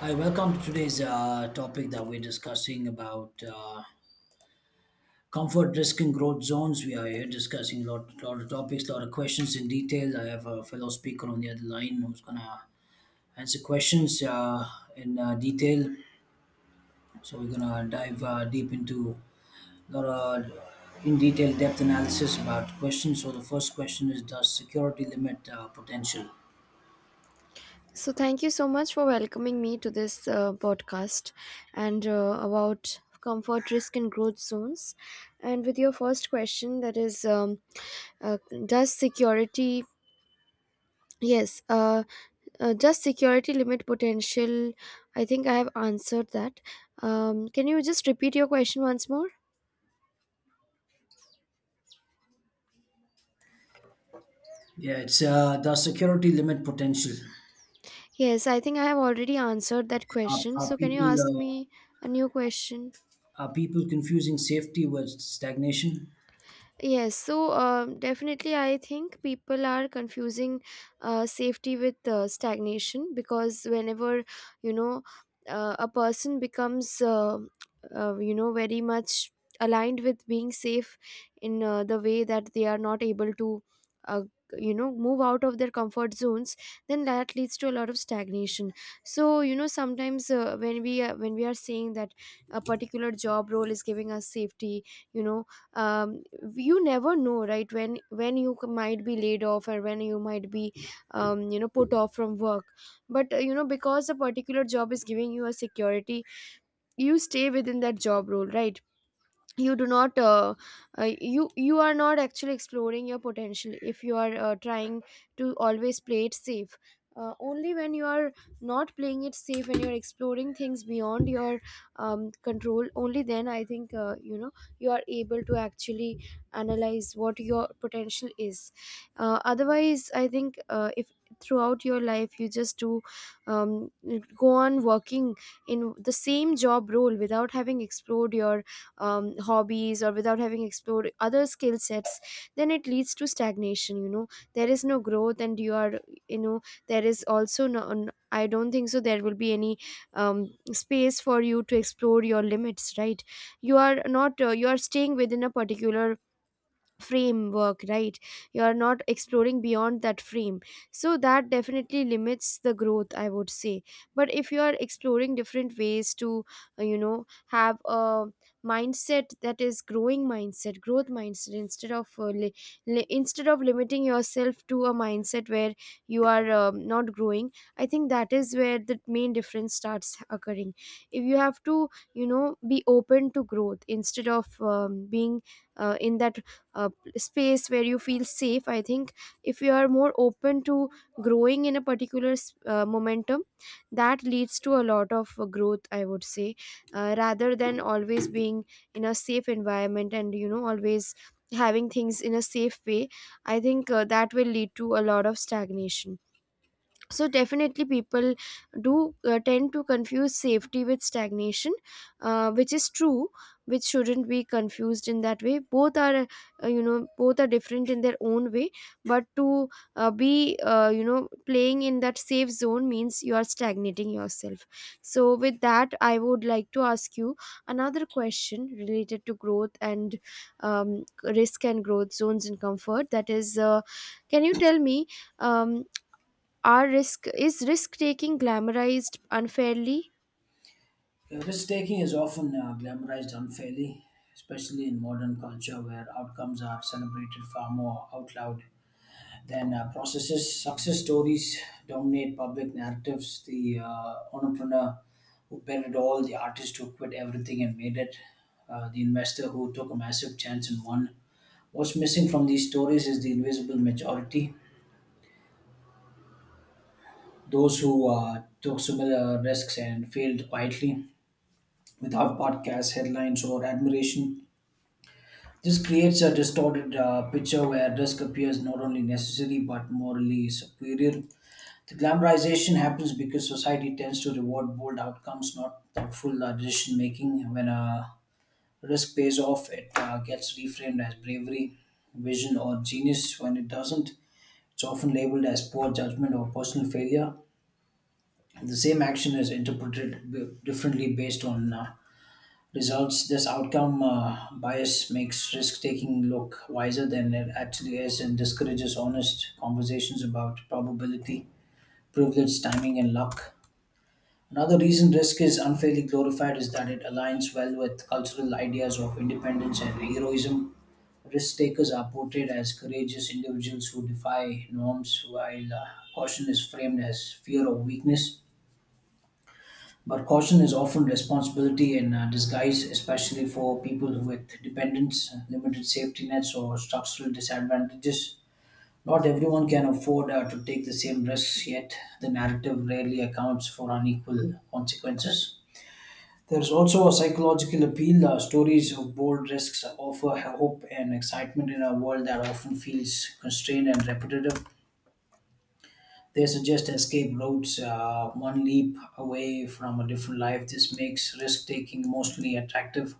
Hi, welcome to today's topic that we're discussing about comfort, risk, and growth zones. We are here discussing a lot, lot of topics, a lot of questions in detail. I have a fellow speaker on the other line who's going to answer questions in detail. So we're going to dive deep into a lot of in detail depth analysis about questions. So the first question is, does security limit potential? So, thank you so much for welcoming me to this podcast and about comfort, risk, and growth zones. And with your first question, that is, uh, does yes, uh, does security limit potential? I think I have answered that. Can you just repeat your question once more? Yeah, it's does security limit potential? Yes, I think I have already answered that Are, question. are So, can you people. ask me a new question? Are people confusing safety with stagnation? Yes, so definitely, I think people are confusing safety with stagnation because whenever you know a person becomes very much aligned with being safe in the way that they are not able to uh, move out of their comfort zones, then that leads to a lot of stagnation. So, sometimes when we are saying that a particular job role is giving us safety, you know um, you never know, right? When might be laid off, or when you might be, put off from work. But because a particular job is giving you a security, you stay within that job role, right? You do not, you, are not actually exploring your potential if you are trying to always play it safe. Uh, only when you are not playing it safe and you're exploring things beyond your control, only then I think, you are able to actually analyze what your potential is. Otherwise, I think, if throughout your life you just do, um, go on working in the same job role without having explored your hobbies, or without having explored other skill sets, then it leads to stagnation. There is no growth, and you are, you know there is also no I don't think so there will be any space for you to explore your limits, right? You are not, you are staying within a particular framework, right? You are not exploring beyond that frame. So that definitely limits the growth, I would say. But if you are exploring different ways to, have a mindset that is growing mindset, growth mindset, instead of instead of limiting yourself to a mindset where you are not growing, I think that is where the main difference starts occurring. If you have to, be open to growth instead of being in that uh, space where you feel safe, I think if you are more open to growing in a particular momentum, that leads to a lot of growth, I would say. Rather than always being in a safe environment, and always having things in a safe way, I think that will lead to a lot of stagnation. So definitely people do tend to confuse safety with stagnation, which is true, which shouldn't be confused in that way. Both are, both are different in their own way, but to be, playing in that safe zone means you are stagnating yourself. So with that, I would like to ask you another question related to growth and risk and growth zones and comfort, that is, can you tell me, um, are risk is risk taking glamorized unfairly? Yeah, risk taking is often glamorized unfairly, especially in modern culture where outcomes are celebrated far more out loud than processes. Success stories dominate public narratives. The entrepreneur who bet it all, the artist who quit everything and made it, the investor who took a massive chance and won. What's missing from these stories is the invisible majority, those who took similar risks and failed quietly, without podcast headlines or admiration. This creates a distorted picture where risk appears not only necessary but morally superior. The glamorization happens because society tends to reward bold outcomes, not thoughtful decision making. When a risk pays off, it gets reframed as bravery, vision, or genius. When it doesn't, it's often labeled as poor judgment or personal failure. The same action is interpreted differently based on results. This outcome bias makes risk taking look wiser than it actually is and discourages honest conversations about probability, privilege, timing, and luck. Another reason risk is unfairly glorified is that it aligns well with cultural ideas of independence and heroism. Risk takers are portrayed as courageous individuals who defy norms, while caution is framed as fear or weakness. But caution is often responsibility in disguise, especially for people with dependents, limited safety nets, or structural disadvantages. Not everyone can afford to take the same risks, yet the narrative rarely accounts for unequal consequences. There's also a psychological appeal. Stories of bold risks offer hope and excitement in a world that often feels constrained and repetitive. They suggest escape routes, one leap away from a different life. This makes risk taking emotionally attractive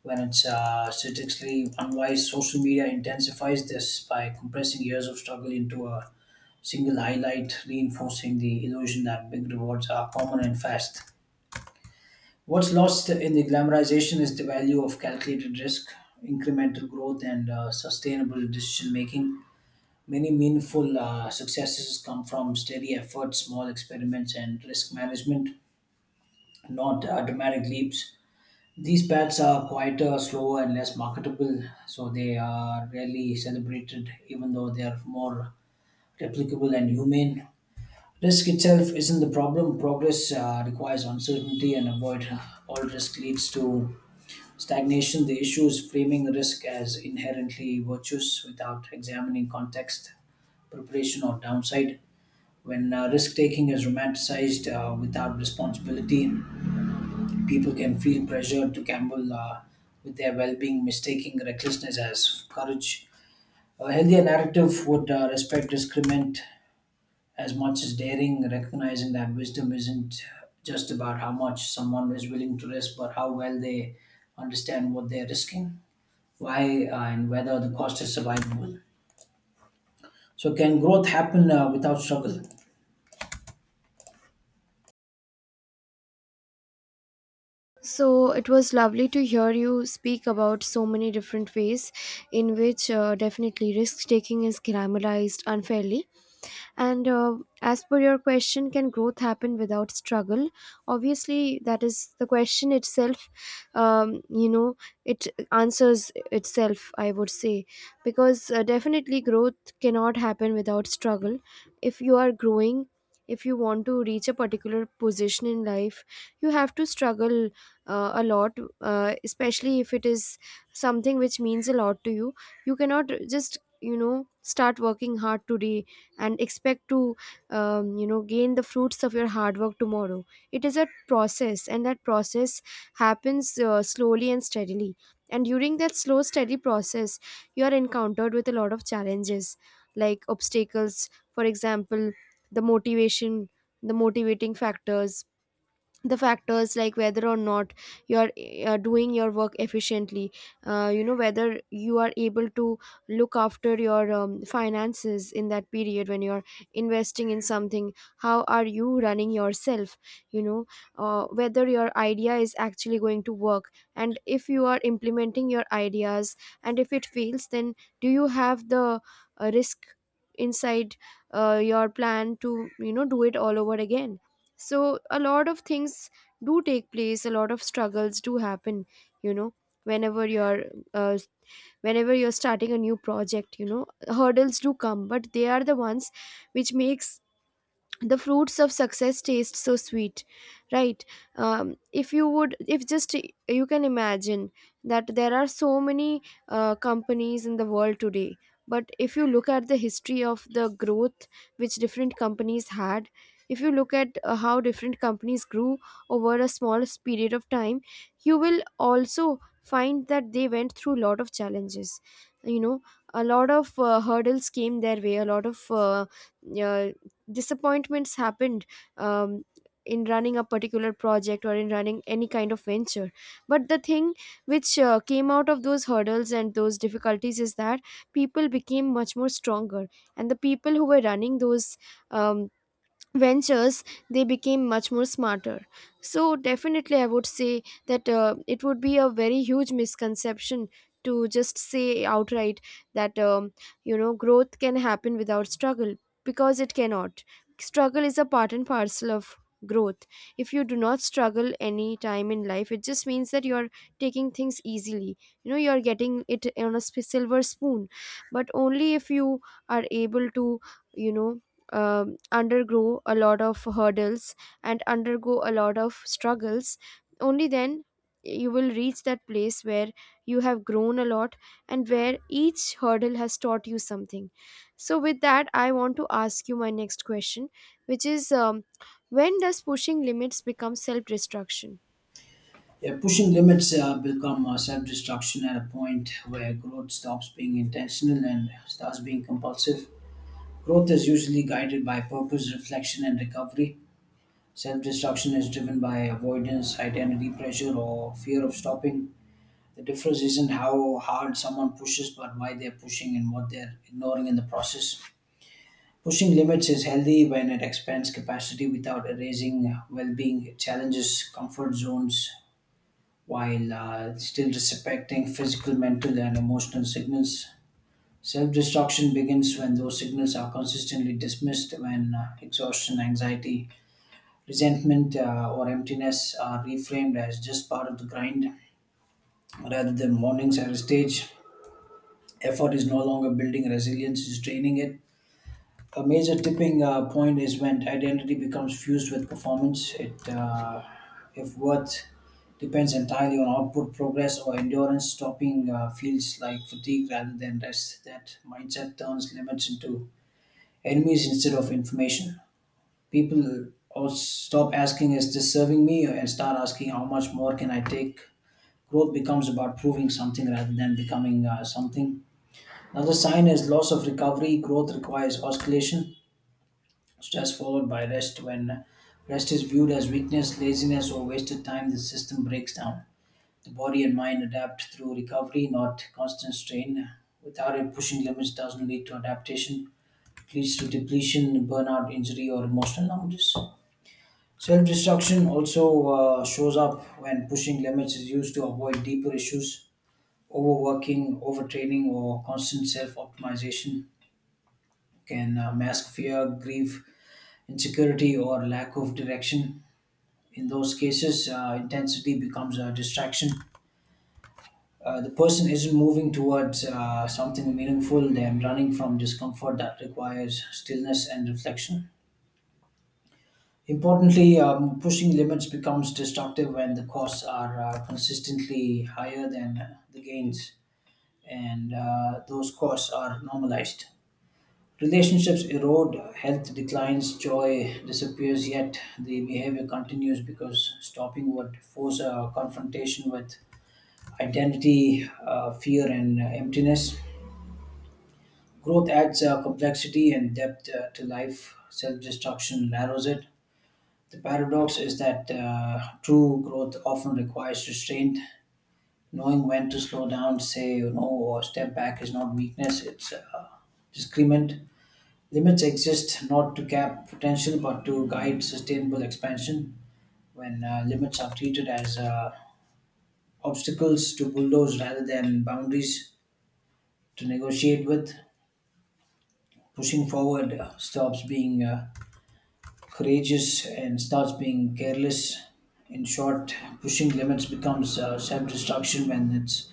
when it's statistically unwise. Social media intensifies this by compressing years of struggle into a single highlight, reinforcing the illusion that big rewards are common and fast. What's lost in the glamorization is the value of calculated risk, incremental growth, and sustainable decision making. Many meaningful successes come from steady effort, small experiments, and risk management, not dramatic leaps. These paths are quieter, slower, and less marketable, so they are rarely celebrated, even though they are more replicable and humane. Risk itself isn't the problem. Progress requires uncertainty, and avoid all risk leads to stagnation. The issue is framing risk as inherently virtuous without examining context, preparation, or downside. When risk taking is romanticized without responsibility, people can feel pressured to gamble with their well being, mistaking recklessness as courage. A healthier narrative would respect discriminant as much as daring, recognizing that wisdom isn't just about how much someone is willing to risk, but how well they understand what they're risking, why, and whether the cost is survivable. So, can growth happen without struggle? So, it was lovely to hear you speak about so many different ways in which definitely risk taking is glamorized unfairly. And as per your question, can growth happen without struggle? Obviously, that is the question itself. Um, you know, it answers itself, I would say, because definitely growth cannot happen without struggle. If you are growing, if you want to reach a particular position in life, you have to struggle a lot, especially if it is something which means a lot to you. You cannot just, start working hard today and expect to, gain the fruits of your hard work tomorrow. It is a process, and that process happens slowly and steadily. And during that slow, steady process, you are encountered with a lot of challenges, like obstacles. For example, the motivation, the motivating factors, the factors like whether or not you're doing your work efficiently, whether you are able to look after your finances in that period when you're investing in something, how are you running yourself, you know whether your idea is actually going to work, and if you are implementing your ideas and if it fails, then do you have the risk inside your plan to, do it all over again. So a lot of things do take place, a lot of struggles do happen, you know whenever you're uh, whenever you're starting a new project, hurdles do come, but they are the ones which makes the fruits of success taste so sweet, right? If you would, if just you can imagine that there are so many companies in the world today, but if you look at the history of the growth which different companies had, if you look at how different companies grew over a small period of time, you will also find that they went through a lot of challenges. you know a lot of hurdles came their way, a lot of uh, disappointments happened um, in running a particular project or in running any kind of venture. But the thing which came out of those hurdles and those difficulties is that people became much more stronger, and the people who were running those um, ventures, they became much more smarter. So definitely I would say that it would be a very huge misconception to just say outright that, growth can happen without struggle, because it cannot. Struggle is a part and parcel of growth. If you do not struggle any time in life, it just means that you are taking things easily. You are getting it on a silver spoon. But only if you are able to, you know undergo a lot of hurdles and undergo a lot of struggles, only then you will reach that place where you have grown a lot, and where each hurdle has taught you something. So with that, I want to ask you my next question, which is, when does pushing limits become self destruction? Yeah, pushing limits become self-destruction at a point where growth stops being intentional and starts being compulsive. Growth is usually guided by purpose, reflection, and recovery. Self-destruction is driven by avoidance, identity pressure, or fear of stopping. The difference isn't how hard someone pushes, but why they're pushing and what they're ignoring in the process. Pushing limits is healthy when it expands capacity without erasing well-being. It challenges comfort zones while still respecting physical, mental, and emotional signals. Self destruction begins when those signals are consistently dismissed, when exhaustion, anxiety, resentment, or emptiness are reframed as just part of the grind rather than warnings at a stage. Effort is no longer building resilience, it's draining it. A major tipping point is when identity becomes fused with performance. If worth depends entirely on output, progress, or endurance. Stopping feels like fatigue rather than rest. That mindset turns limits into enemies instead of information. People also stop asking, "Is this serving me?" and start asking, "How much more can I take?" Growth becomes about proving something rather than becoming something. Another sign is loss of recovery. Growth requires oscillation, stress followed by rest. When rest is viewed as weakness, laziness, or wasted time, the system breaks down. The body and mind adapt through recovery, not constant strain. Without it, pushing limits doesn't lead to adaptation. It leads to depletion, burnout, injury, or emotional numbness. Self destruction also shows up when pushing limits is used to avoid deeper issues. Overworking, overtraining, or constant self optimization can mask fear, grief, insecurity, or lack of direction. In those cases, intensity becomes a distraction. The person isn't moving towards something meaningful, they're running from discomfort that requires stillness and reflection. Importantly, pushing limits becomes destructive when the costs are consistently higher than the gains, and those costs are normalized. Relationships erode, health declines, joy disappears, yet the behavior continues because stopping would force a confrontation with identity, fear, and emptiness. Growth adds complexity and depth to life; self destruction narrows it. The paradox is that true growth often requires restraint. Knowing when to slow down, say no, or step back is not weakness, it's discrement. Limits exist not to cap potential but to guide sustainable expansion. When limits are treated as obstacles to bulldoze rather than boundaries to negotiate with, pushing forward stops being courageous and starts being careless. In short, pushing limits becomes self destruction when it's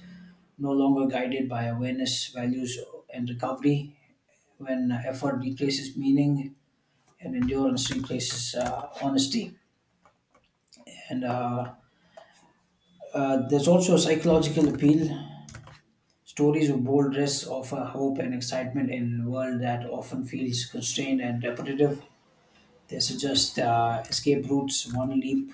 no longer guided by awareness, values, and recovery, when effort replaces meaning and endurance replaces honesty. And There's also a psychological appeal. Stories of bold risks offer hope and excitement in a world that often feels constrained and repetitive. They suggest escape routes, one leap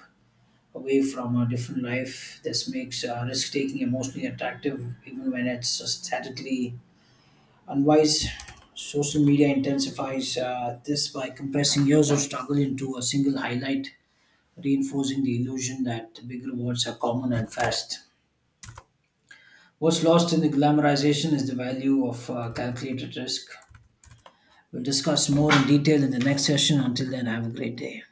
away from a different life. This makes risk taking emotionally attractive, even when it's statically unwise. Social media intensifies this by compressing years of struggle into a single highlight, reinforcing the illusion that big rewards are common and fast. What's lost in the glamorization is the value of calculated risk. We'll discuss more in detail in the next session. Until then, have a great day.